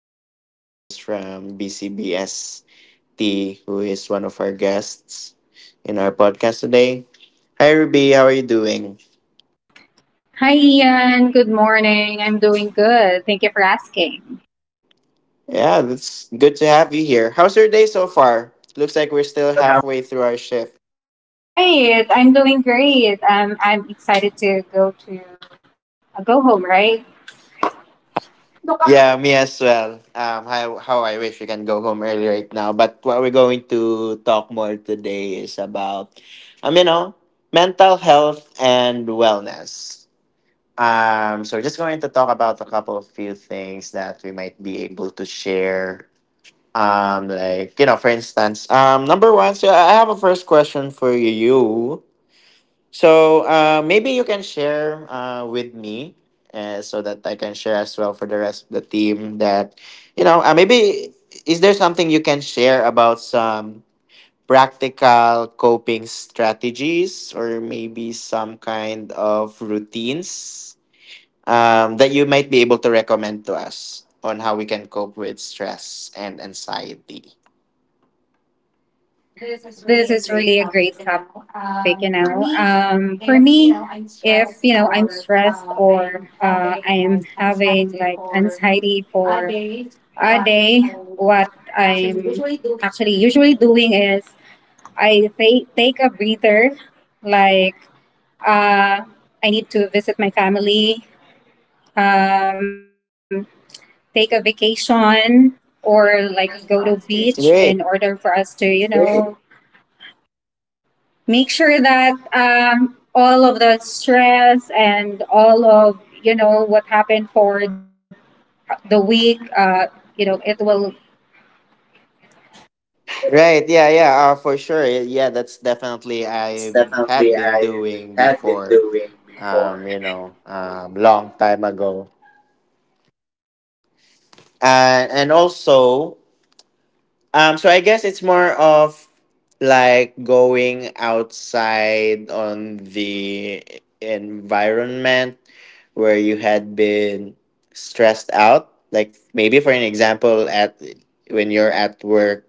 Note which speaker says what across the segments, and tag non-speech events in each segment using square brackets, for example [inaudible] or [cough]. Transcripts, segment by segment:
Speaker 1: supervisors from BCBST, who is one of our guests in our podcast today. Hi, Ruby. How are you doing?
Speaker 2: Hi, Ian. Good morning. I'm doing good. Thank you for asking.
Speaker 1: Yeah, that's good to have you here. How's your day so far? Looks like
Speaker 2: Like
Speaker 1: we're
Speaker 2: we're
Speaker 1: still
Speaker 2: still having.
Speaker 1: halfway through our shift.
Speaker 2: Right. I'm doing great. I'm excited to go home, right?
Speaker 1: Yeah, me as well. How I wish we can go home early right now. But what we're going to talk more today is about, um, you know, mental health and wellness. So we're just going to talk about a couple of few things that we might be able to share. For instance, number one. So I have a first question for you. So maybe you can share with me so that I can share as well for the rest of the team that maybe is there something you can share about some practical coping strategies or maybe some kind of routines that you might be able to recommend to us on how we can cope with stress and anxiety?
Speaker 2: This is really a great topic, you know. For me, if, you know, I'm stressed or I'm having like anxiety for a day, what I'm actually usually doing is I take a breather, like Uh, I need to visit my family, um, take a vacation, or like go to beach in order
Speaker 1: Great.
Speaker 2: for us to, you know, make sure that all of the stress and all of you know what happened for the week, you know, it will.
Speaker 1: Right, yeah, yeah, for sure. Yeah, that's definitely
Speaker 2: Yeah, that's
Speaker 1: I
Speaker 2: definitely
Speaker 1: had been
Speaker 2: I
Speaker 1: doing
Speaker 2: had been
Speaker 1: before,
Speaker 2: doing before.
Speaker 1: long time ago. And also, so I guess it's more of like going outside on the environment where you had been stressed out. Like maybe for an example, at when you're at work,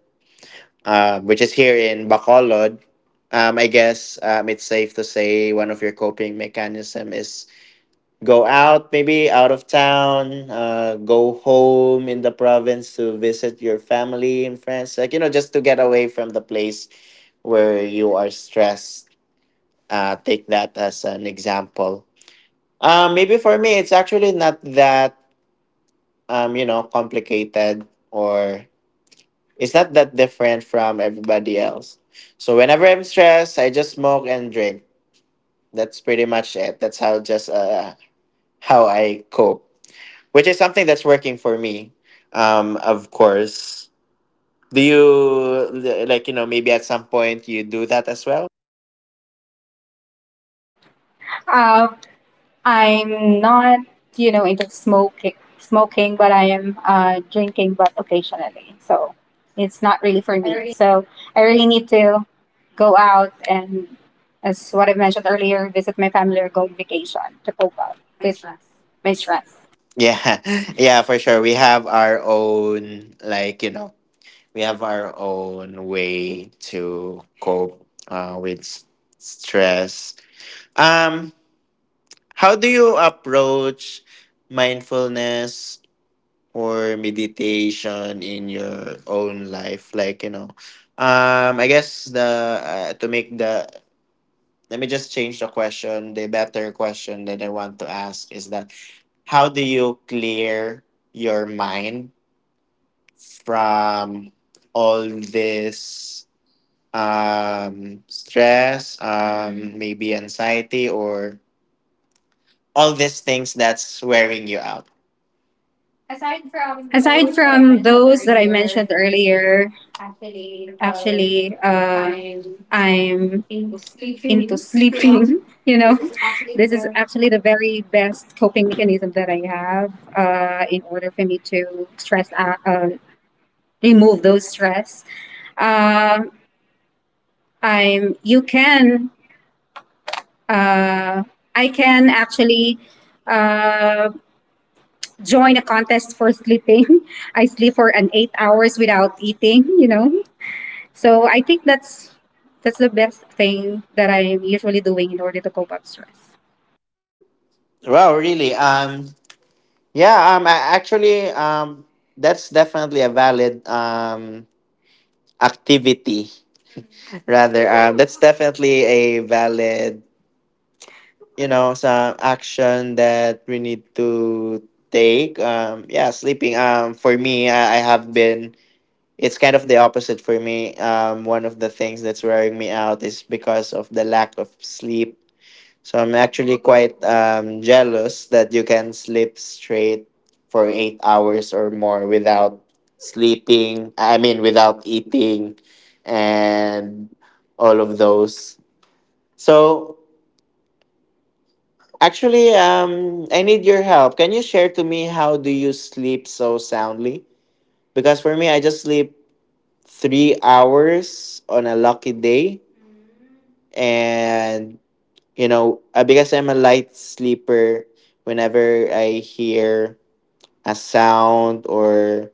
Speaker 1: which is here in Bacolod, I guess it's safe to say one of your coping mechanism is go out, maybe out of town, go home in the province to visit your family and friends, like you know, just to get away from the place where you are stressed. Take that as an example. Maybe for me, it's actually not that you know complicated or it's not that different from everybody else. So whenever I'm stressed, I just smoke and drink. That's pretty much it. That's how just how I cope, which is something that's working for me. Of course. Do you like you know maybe at some point you do that as well?
Speaker 2: uh, I'm not, you know, into smoking, but I am drinking, but occasionally. So it's not really for me. So I really need to go out and, as what I mentioned earlier, visit my family or go on vacation to cope up with my stress.
Speaker 1: Yeah, [laughs] yeah, for sure. We have our own, like, you know, we have our own way to cope with stress. Um, How do you approach mindfulness or meditation in your own life? Like, you know, I guess the to make the let me just change the question. The better question that I want to ask is that how do you clear your mind from all this stress, maybe anxiety or all these things that's wearing you out?
Speaker 2: Aside from those that I mentioned earlier, actually, I'm into sleeping [laughs] you know this is actually the very best coping mechanism that I have in order for me to stress out, remove those stress. Um, i'm you can uh, i can actually uh, join a contest for sleeping [laughs] I sleep for an 8 hours without eating, you know, so I think that's the best thing that I'm usually doing in order to cope up stress.
Speaker 1: Wow, really? Yeah. That's definitely a valid activity. Rather, that's definitely a valid, you know, some action that we need to take. Yeah, sleeping. For me, I have been. It's kind of the opposite for me. One of the things that's wearing me out is because of the lack of sleep. So I'm actually quite jealous that you can sleep straight for 8 hours or more without without eating, and all of those. So actually, I need your help. Can you share to me how do you sleep so soundly? Because for me, I just sleep 3 hours on a lucky day, and because I'm a light sleeper, whenever I hear a sound or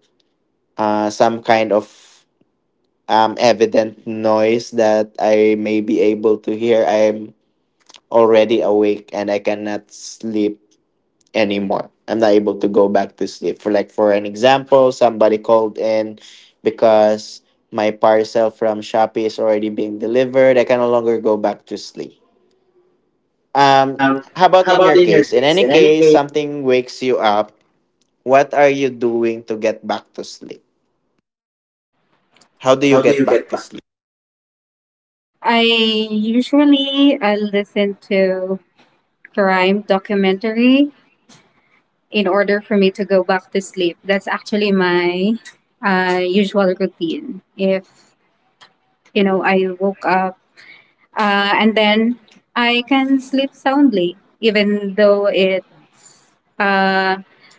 Speaker 1: some kind of evident noise that I may be able to hear, I'm already awake and I cannot sleep anymore. I'm not able to go back to sleep. For like for an example, somebody called in because my parcel from Shopee is already being delivered. I can no longer go back to sleep. Um,
Speaker 2: Um,
Speaker 1: how about
Speaker 2: how
Speaker 1: in
Speaker 2: about
Speaker 1: your
Speaker 2: in your
Speaker 1: case? In
Speaker 2: case?
Speaker 1: any
Speaker 2: In any
Speaker 1: case,
Speaker 2: case,
Speaker 1: something wakes you up. What are you doing to get back to sleep? How do you
Speaker 2: how do
Speaker 1: get
Speaker 2: you
Speaker 1: back
Speaker 2: get
Speaker 1: to
Speaker 2: back?
Speaker 1: sleep?
Speaker 2: I usually listen to crime documentary in order for me to go back to sleep. That's actually my usual routine. If, you know, I woke up and then I can sleep soundly, even though it uh,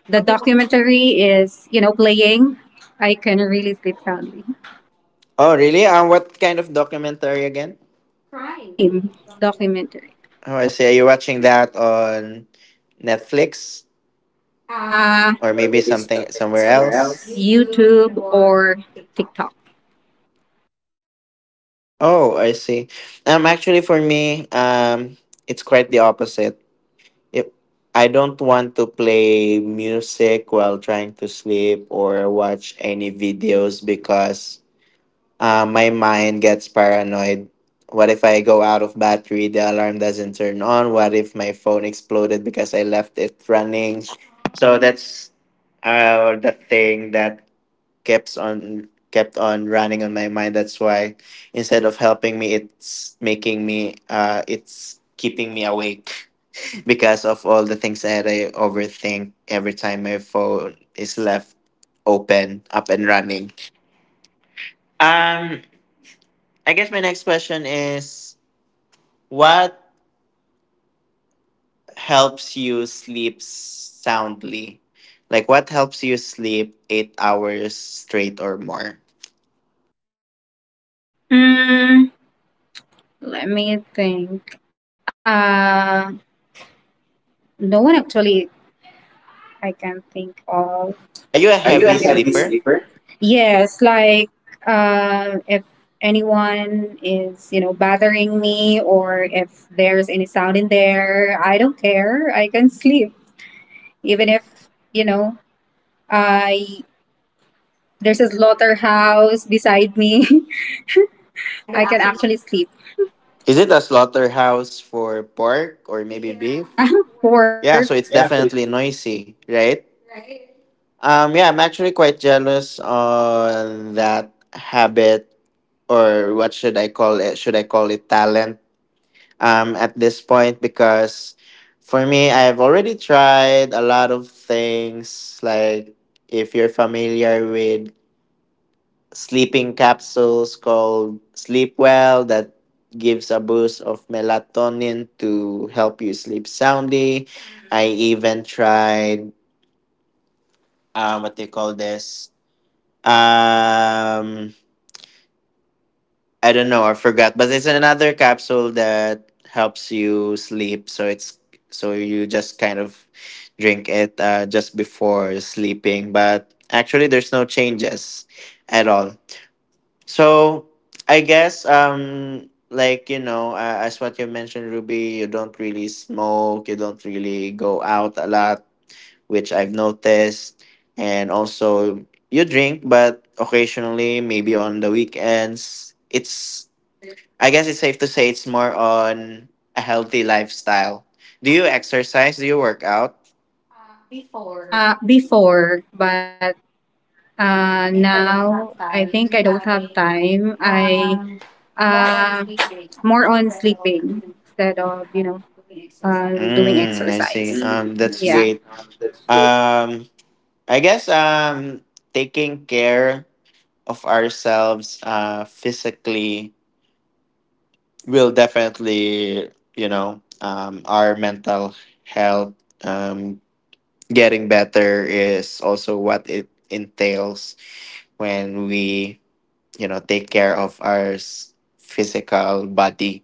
Speaker 2: the documentary is you know playing. I can really sleep soundly.
Speaker 1: Oh, really? What kind of documentary again?
Speaker 2: Crime documentary.
Speaker 1: Oh, I see. Are you watching that on Netflix or
Speaker 2: Or
Speaker 1: maybe
Speaker 2: maybe
Speaker 1: something
Speaker 2: something
Speaker 1: somewhere
Speaker 2: somewhere
Speaker 1: else?
Speaker 2: else. YouTube or TikTok?
Speaker 1: Oh, I see. Actually, for me, it's quite the opposite. If I don't want to play music while trying to sleep or watch any videos because my mind gets paranoid. What if I go out of battery? The alarm doesn't turn on. What if my phone exploded because I left it running? So that's the thing that keeps on kept on running on my mind. That's why instead of helping me, it's making me it's keeping me awake because of all the things that I overthink every time my phone is left open, up and running. Um, I guess my next question is what helps you sleep soundly? Like, what helps you sleep 8 hours straight or more?
Speaker 2: Mm, let me think. No one actually I can think of.
Speaker 1: Are you a
Speaker 2: Are
Speaker 1: heavy
Speaker 2: you a anything heavy anyone
Speaker 1: sleeper?
Speaker 2: sleeper? Yes, like if anyone is, you know, bothering me or if there's any sound in there, I don't care. I can sleep even if, you know, I there's a slaughterhouse beside me. [laughs] I can actually sleep.
Speaker 1: Is it a slaughterhouse for pork or maybe beef?
Speaker 2: Yeah, [laughs] work,
Speaker 1: Yeah, so
Speaker 2: yeah,
Speaker 1: it's
Speaker 2: absolutely.
Speaker 1: definitely noisy, right?
Speaker 2: Right?
Speaker 1: Yeah, I'm actually quite jealous on that habit, or what should I call it? Should I call it talent? At this point, because for me, I've already tried a lot of things. Like, if you're familiar with sleeping capsules called Sleep Well, that gives a boost of melatonin to help you sleep soundly. I even tried, what do you call this? Um, I don't know. I forgot, but it's another capsule that helps you sleep. So you just kind of drink it just before sleeping. But actually, there's no changes at all. So I guess like you know as what you mentioned, Ruby, you don't really smoke. You don't really go out a lot which I've noticed. And also, you drink, but occasionally, maybe on the weekends, I guess it's safe to say it's more on a healthy lifestyle. Do you exercise? Do you work out?
Speaker 2: Before, but now I think I don't have time. I uh, More on sleeping instead of you know doing
Speaker 1: Mm, I see.
Speaker 2: exercise. Mm,
Speaker 1: That's
Speaker 2: I see. Yeah.
Speaker 1: great.
Speaker 2: That's great.
Speaker 1: Um, I guess taking care of ourselves physically will definitely you know our mental health um, getting better is also what it entails when we you know take care of our physical body,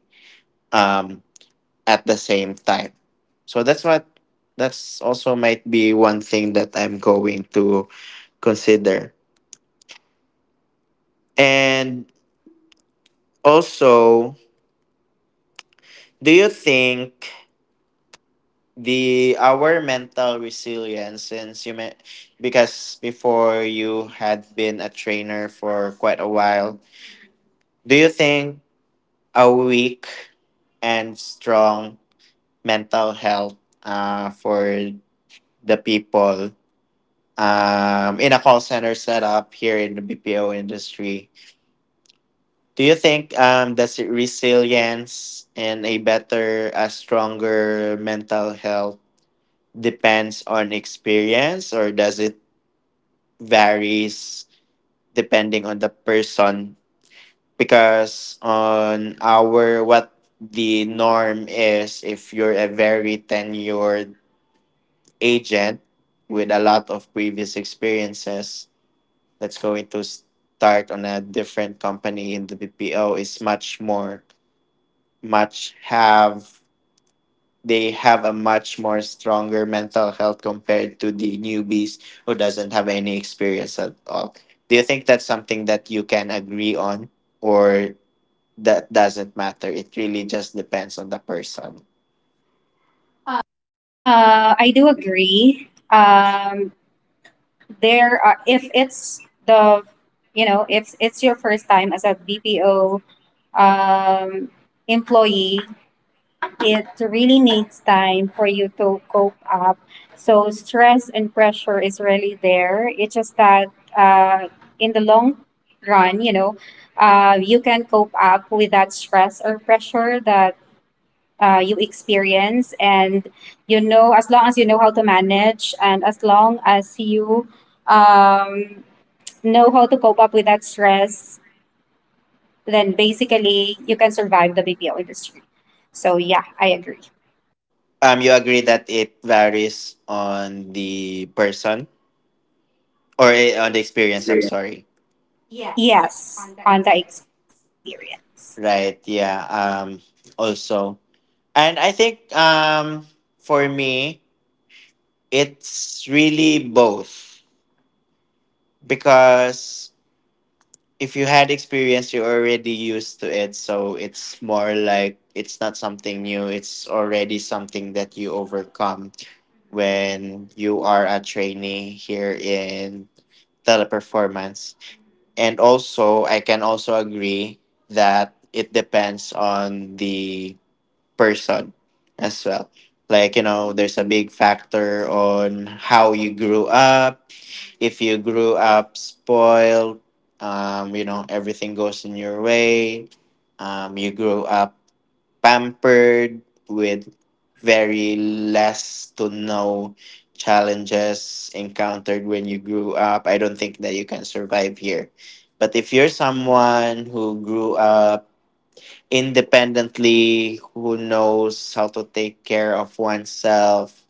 Speaker 1: um, at the same time. So that's what that's also might be one thing that I'm going to consider. And also, do you think the our mental resilience since you met, because before you had been a trainer for quite a while, do you think a weak and strong mental health for the people in a call center setup here in the BPO industry. Do you think does it resilience and a stronger mental health depends on experience, or does it varies depending on the person? Because on our what the norm is, if you're a very tenured agent with a lot of previous experiences that's going to start on a different company in the BPO is much more much have they have a much more stronger mental health compared to the newbies who doesn't have any experience at all. Do you think that's something that you can agree on, or that doesn't matter? It really just depends on the person.
Speaker 2: I do agree. There are if it's the you know if it's your first time as a BPO um, employee, it really needs time for you to cope up. So stress and pressure is really there. It's just that uh, in the long run, you know, you can cope up with that stress or pressure that you experience and you know as long as you know how to manage and as long as you um, know how to cope up with that stress, then basically you can survive the BPO industry, so yeah I agree.
Speaker 1: You agree that it varies on the person or eh,
Speaker 2: Or
Speaker 1: on the
Speaker 2: eh, on the
Speaker 1: experience, I'm
Speaker 2: experience.
Speaker 1: sorry.
Speaker 2: Yes, on the experience.
Speaker 1: Right, yeah. Um, also, and I think for me it's really both, because if you had experience you're already used to it, so it's more like it's not something new, it's already something that you overcome when you are a trainee here in teleperformance. And also I can also agree that it depends on the person as well. Like you know, there's a big factor on how you grew up. If you grew up spoiled, you know, everything goes in your way. You grew up pampered with very less to no challenges encountered when you grew up. I don't think that you can survive here. But if you're someone who grew up independently, who knows how to take care of oneself,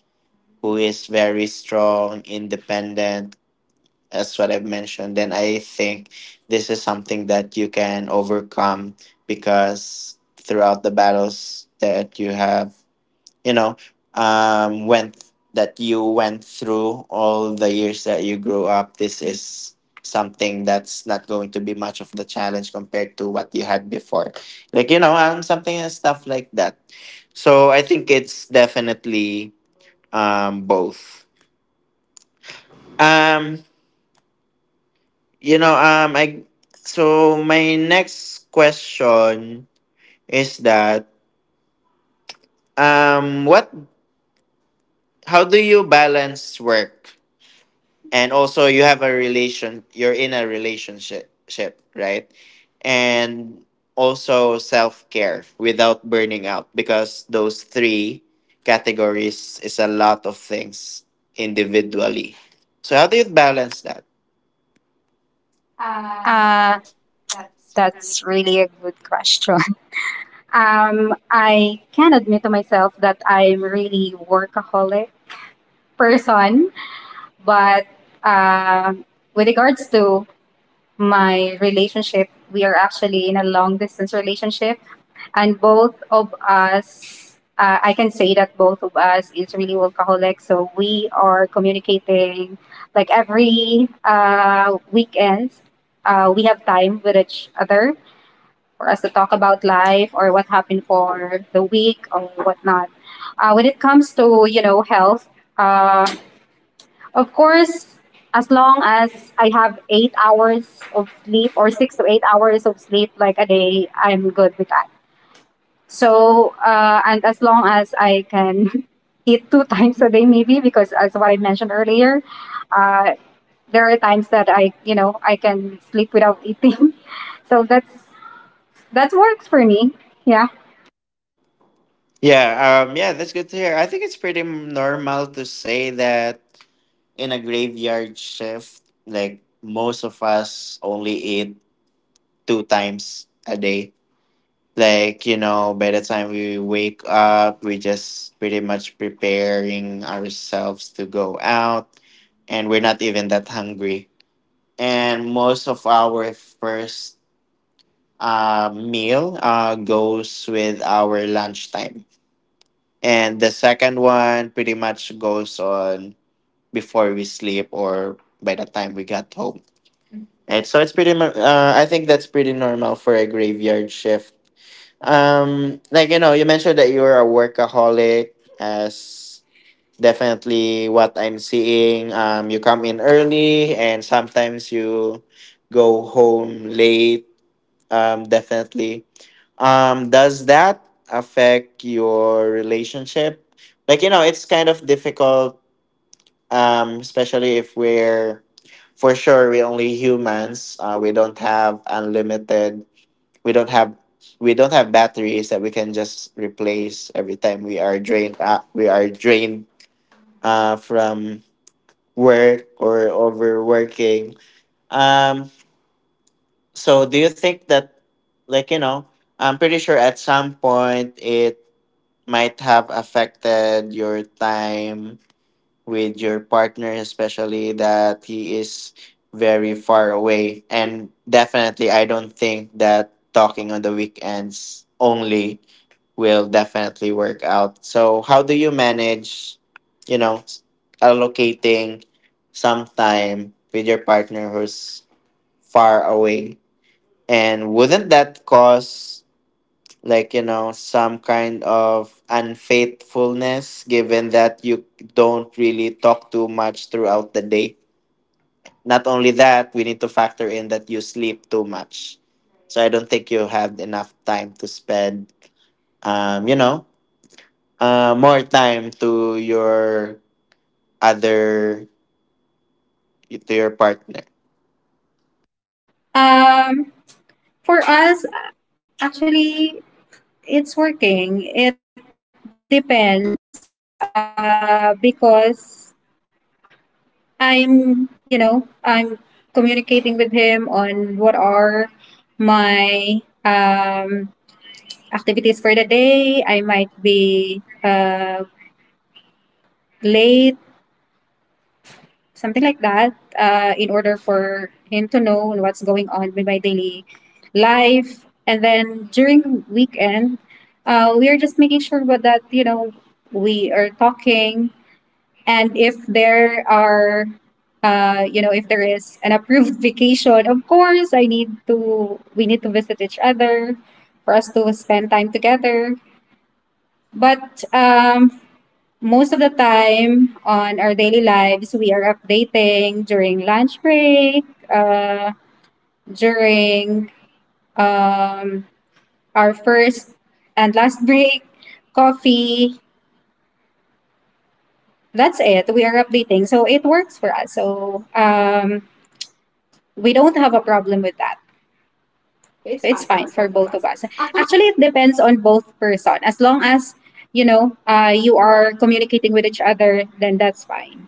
Speaker 1: who is very strong, independent, as what I've mentioned. Then I think this is something that you can overcome, because throughout the battles that you have, you know, went that you went through all the years that you grew up, this is something that's not going to be much of the challenge compared to what you had before. Like, you know, something and stuff like that. So I think it's definitely both. Um, You know, I so my next question is that what? how do you balance work, and also you have a relation? You're in a relationship, right? And also self care without burning out, because those three categories is a lot of things individually. So how do you balance that?
Speaker 2: uh, that's really a good question. [laughs] I can admit to myself that I'm really workaholic person. But um with regards to my relationship, we are actually in a long distance relationship, and both of us, I can say that both of us is really workaholic. So we are communicating like every weekend. We have time with each other for us to talk about life or what happened for the week or whatnot. When it comes to you know health. Uh, of course, as long as I have 8 hours of sleep or 6 to 8 hours of sleep like a day, I'm good with that. So, and as long as I can [laughs] eat 2 times a day, maybe because as what I mentioned earlier, uh, there are times that I, you know, I can sleep without eating. [laughs] So that's that works for me. Yeah.
Speaker 1: Yeah, yeah, that's good to hear. I think it's pretty normal to say that in a graveyard shift, like most of us only eat two times a day. Like, you know, by the time we wake up, we just pretty much preparing ourselves to go out, and we're not even that hungry. And most of our first meal goes with our lunchtime. And the second one pretty much goes on before we sleep or by the time we got home. Right, so it's pretty. I think that's pretty normal for a graveyard shift. You mentioned that you're a workaholic, as definitely what I'm seeing. You come in early, and sometimes you go home late. Definitely. Does that affect your relationship? It's kind of difficult especially if we're for sure we're only humans we don't have unlimited we don't have we don't have batteries that we can just replace every time we are drained from work or overworking. Um, so do you think that, like you know I'm pretty sure at some point it might have affected your time with your partner, especially that he is very far away. And definitely, I don't think that talking on the weekends only will definitely work out. So how do you manage, you know, allocating some time with your partner who's far away? And wouldn't that cause, some kind of unfaithfulness, given that you don't really talk too much throughout the day? Not only that, we need to factor in that you sleep too much, so I don't think you have enough time to spend, um you know more time to your other to your partner.
Speaker 2: Um, for us, actually, it's working. It depends. Because I'm, you know, I'm communicating with him on what are my activities for the day. I might be late, something like that, in order for him to know what's going on with my daily life. And then during weekend, we are just making sure about that, you know, we are talking. And if there are, you know, if there is an approved [laughs] vacation, of course, we need to visit each other for us to spend time together. But most of the time on our daily lives, we are updating during lunch break, uh, during um, our first and last break, coffee. That's it. We are updating. So it works for us. So we don't have a problem with that. So it's fine for both of us. Actually, it depends on both person. As long as you know you are communicating with each other, then that's fine.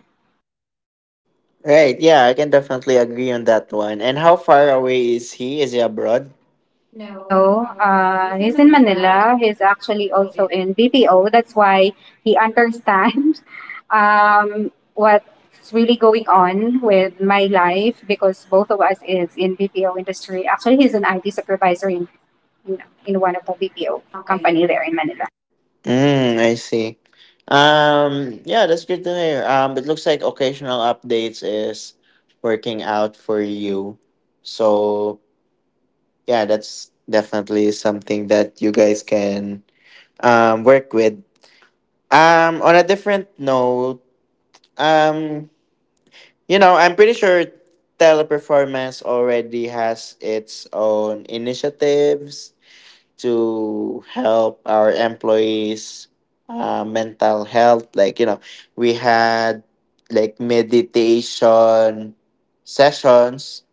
Speaker 1: Right, yeah, I can definitely agree on that one. And how far away is he? Is he abroad?
Speaker 2: No, he's in Manila. He's actually also in BPO. That's why he understands [laughs] what's really going on with my life because both of us is in BPO industry. Actually, he's an IT supervisor in in one of the BPO company there in Manila.
Speaker 1: Mm, I see. Yeah, that's good to hear. It looks like occasional updates is working out for you. So yeah, that's definitely something that you guys can work with. On a different note, um, you know, I'm pretty sure Teleperformance already has its own initiatives to help our employees mental health. We had like meditation sessions,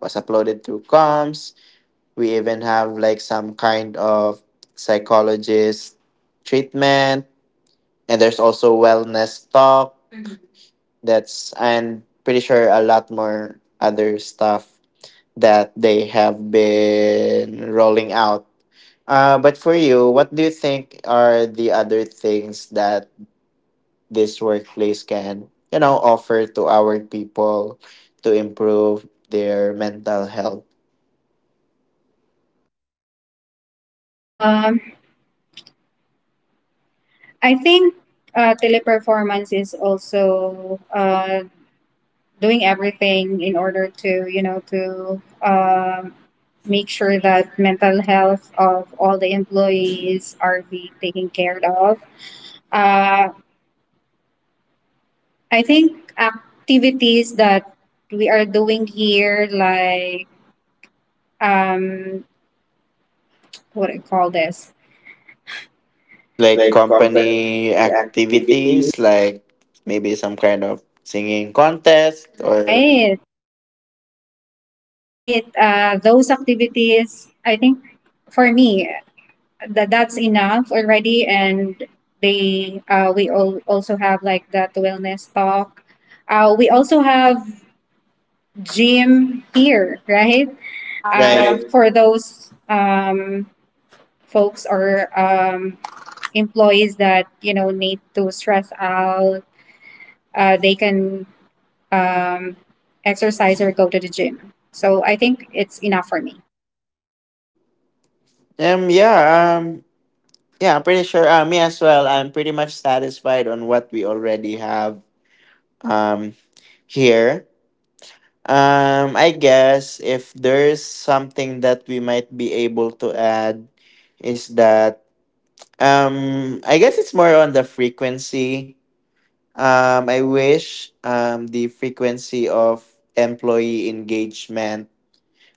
Speaker 1: was uploaded through comms. We even have like some kind of psychologist treatment, and there's also wellness talk, that's, and pretty sure a lot more other stuff that they have been rolling out. But for you, what do you think are the other things that this workplace can, you know, offer to our people to improve their mental health?
Speaker 2: Um, I think Teleperformance is also doing everything in order to, you know, to make sure that mental health of all the employees are be taken care of. Uh, I think activities that we are doing here, like um, what do you call this,
Speaker 1: Like
Speaker 2: like
Speaker 1: company
Speaker 2: company activity.
Speaker 1: activities, like maybe some kind of singing contest
Speaker 2: Yes.
Speaker 1: or
Speaker 2: Right? Right, those activities I think for me that that's enough already. And they we all also have like that wellness talk. We also have gym here, right?
Speaker 1: right.
Speaker 2: Right, for those folks or employees that you know need to stress out they can um, exercise or go to the gym, so I think it's enough for me.
Speaker 1: Yeah, yeah, I'm pretty sure me as well. I'm pretty much satisfied on what we already have um here. Um, I guess if there's something that we might be able to add is that, um, I guess it's more on the frequency. Um, I wish the frequency of employee engagement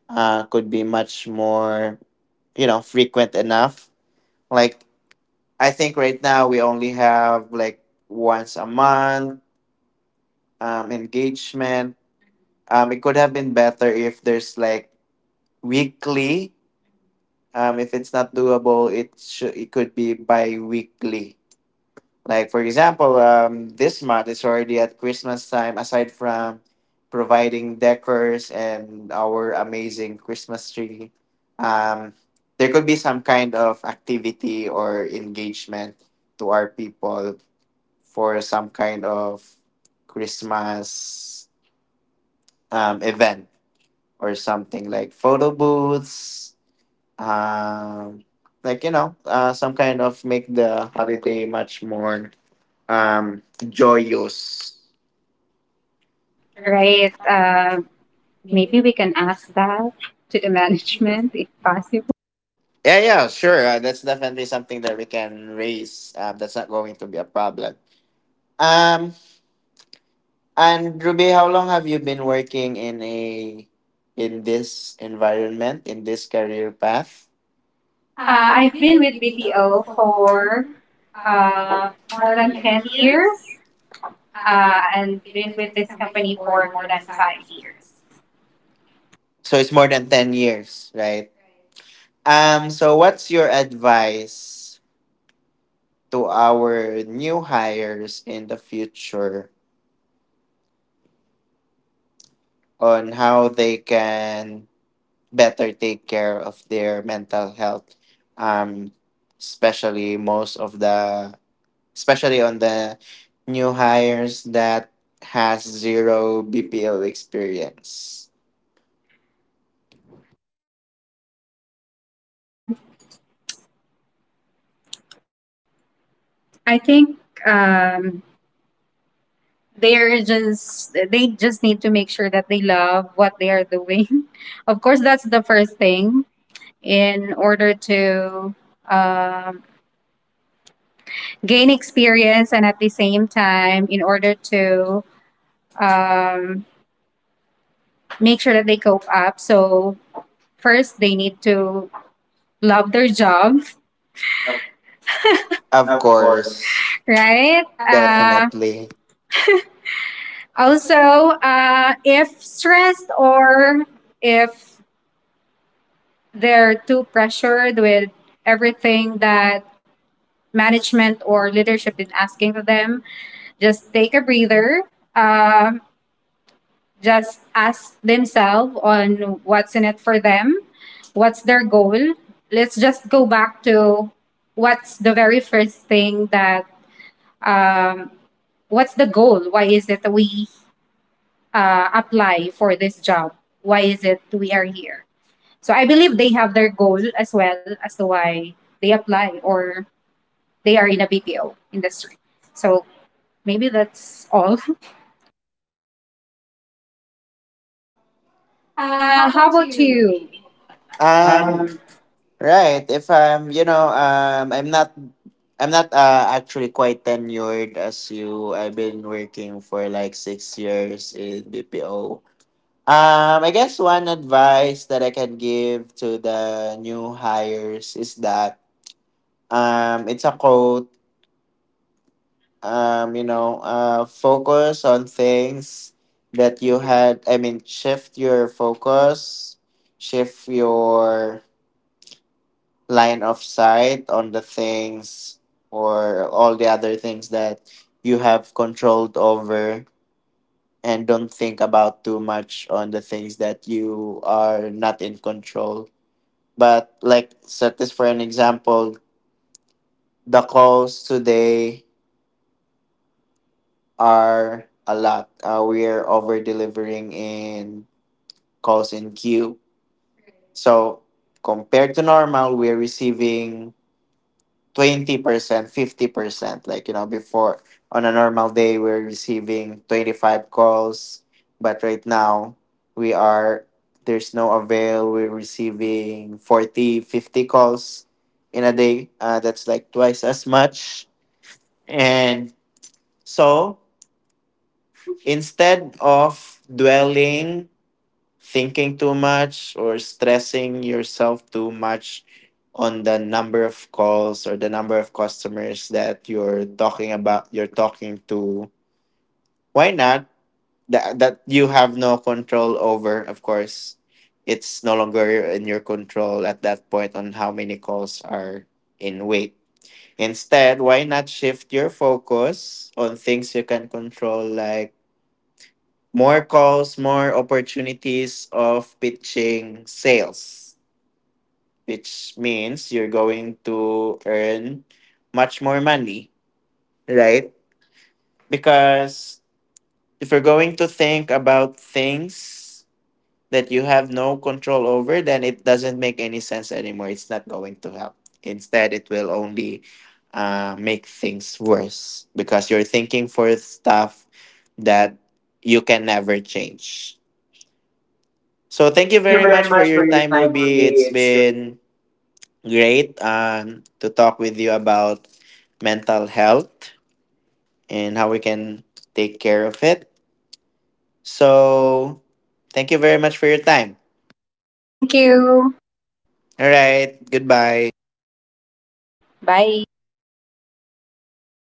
Speaker 1: could be much more, you know, frequent enough. Like, I think right now we only have like once a month engagement. Um, it could have been better if there's like weekly. If it's not doable, it could be bi-weekly. Like for example, this month is already at Christmas time. Aside from providing decors and our amazing Christmas tree, um, there could be some kind of activity or engagement to our people for some kind of Christmas event, or something like photo booths, um, some kind of make the holiday much more um joyous.
Speaker 2: Right? Maybe we can ask that to the management if possible.
Speaker 1: Yeah, yeah, sure, that's definitely something that we can raise. That's not going to be a problem. Um, and Ruby, how long have you been working in a in this environment, in this career path?
Speaker 2: I've been with BPO for uh, more than 10 years and been with this company for more than 5 years.
Speaker 1: So it's more than 10 years, right?
Speaker 2: Right.
Speaker 1: Um,
Speaker 2: And
Speaker 1: so what's your advice to our new hires in the future on how they can better take care of their mental health, um, especially most of the, especially on the new hires that has zero BPO experience?
Speaker 2: Um, I think they just need to make sure that they love what they are doing. [laughs] Of course, that's the first thing in order to um, gain experience and at the same time in order to um, make sure that they cope up, so first they need to love their job.
Speaker 1: Of
Speaker 2: Of course.
Speaker 1: course,
Speaker 2: Right,
Speaker 1: definitely.
Speaker 2: also if stressed or if they're too pressured with everything that management or leadership is asking of them, just take a breather, uh, just ask themselves on what's in it for them, what's their goal. Let's just go back to what's the very first thing that um, what's the goal? Why is it we apply for this job? Why is it we are here? So I believe they have their goal as well as to why they apply or they are in a BPO industry. So maybe that's all. [laughs] How about you?
Speaker 1: Um, right. If I'm, you know, I'm not actually quite tenured as you. I've been working for like 6 years in BPO. I guess one advice that I can give to the new hires is that, it's a quote. You know, focus on things that you had. I mean, shift your focus, shift your line of sight on the things or all the other things that you have controlled over, and don't think about too much on the things that you are not in control. But like, set this for an example: the calls today are a lot. We're over delivering in calls in queue. So compared to normal, we're receiving 20%, 50%. Like, you know, before on a normal day, we're receiving 25 calls, but right now we are, there's no avail. We're receiving 40, 50 calls in a day. That's like twice as much. And so, instead of dwelling, thinking too much or stressing yourself too much on the number of calls or the number of customers that you're talking to, why not, that you have no control over. Of course, it's no longer in your control at that point on how many calls are in wait. Instead, why not shift your focus on things you can control, like more calls, more opportunities of pitching sales, which means you're going to earn much more money, right? Because if you're going to think about things that you have no control over, then it doesn't make any sense anymore. It's not going to help. Instead, it will only make things worse, because you're thinking for stuff that you can never change. So
Speaker 2: So
Speaker 1: thank you
Speaker 2: thank you
Speaker 1: very
Speaker 2: very
Speaker 1: much for
Speaker 2: much
Speaker 1: your
Speaker 2: for your
Speaker 1: time,
Speaker 2: time,
Speaker 1: Ruby.
Speaker 2: Ruby.
Speaker 1: It's
Speaker 2: It's been.
Speaker 1: been great to talk with you about mental health and how we can take care of it. So thank you very much for your time.
Speaker 2: Thank you.
Speaker 1: All right. Goodbye.
Speaker 2: Bye.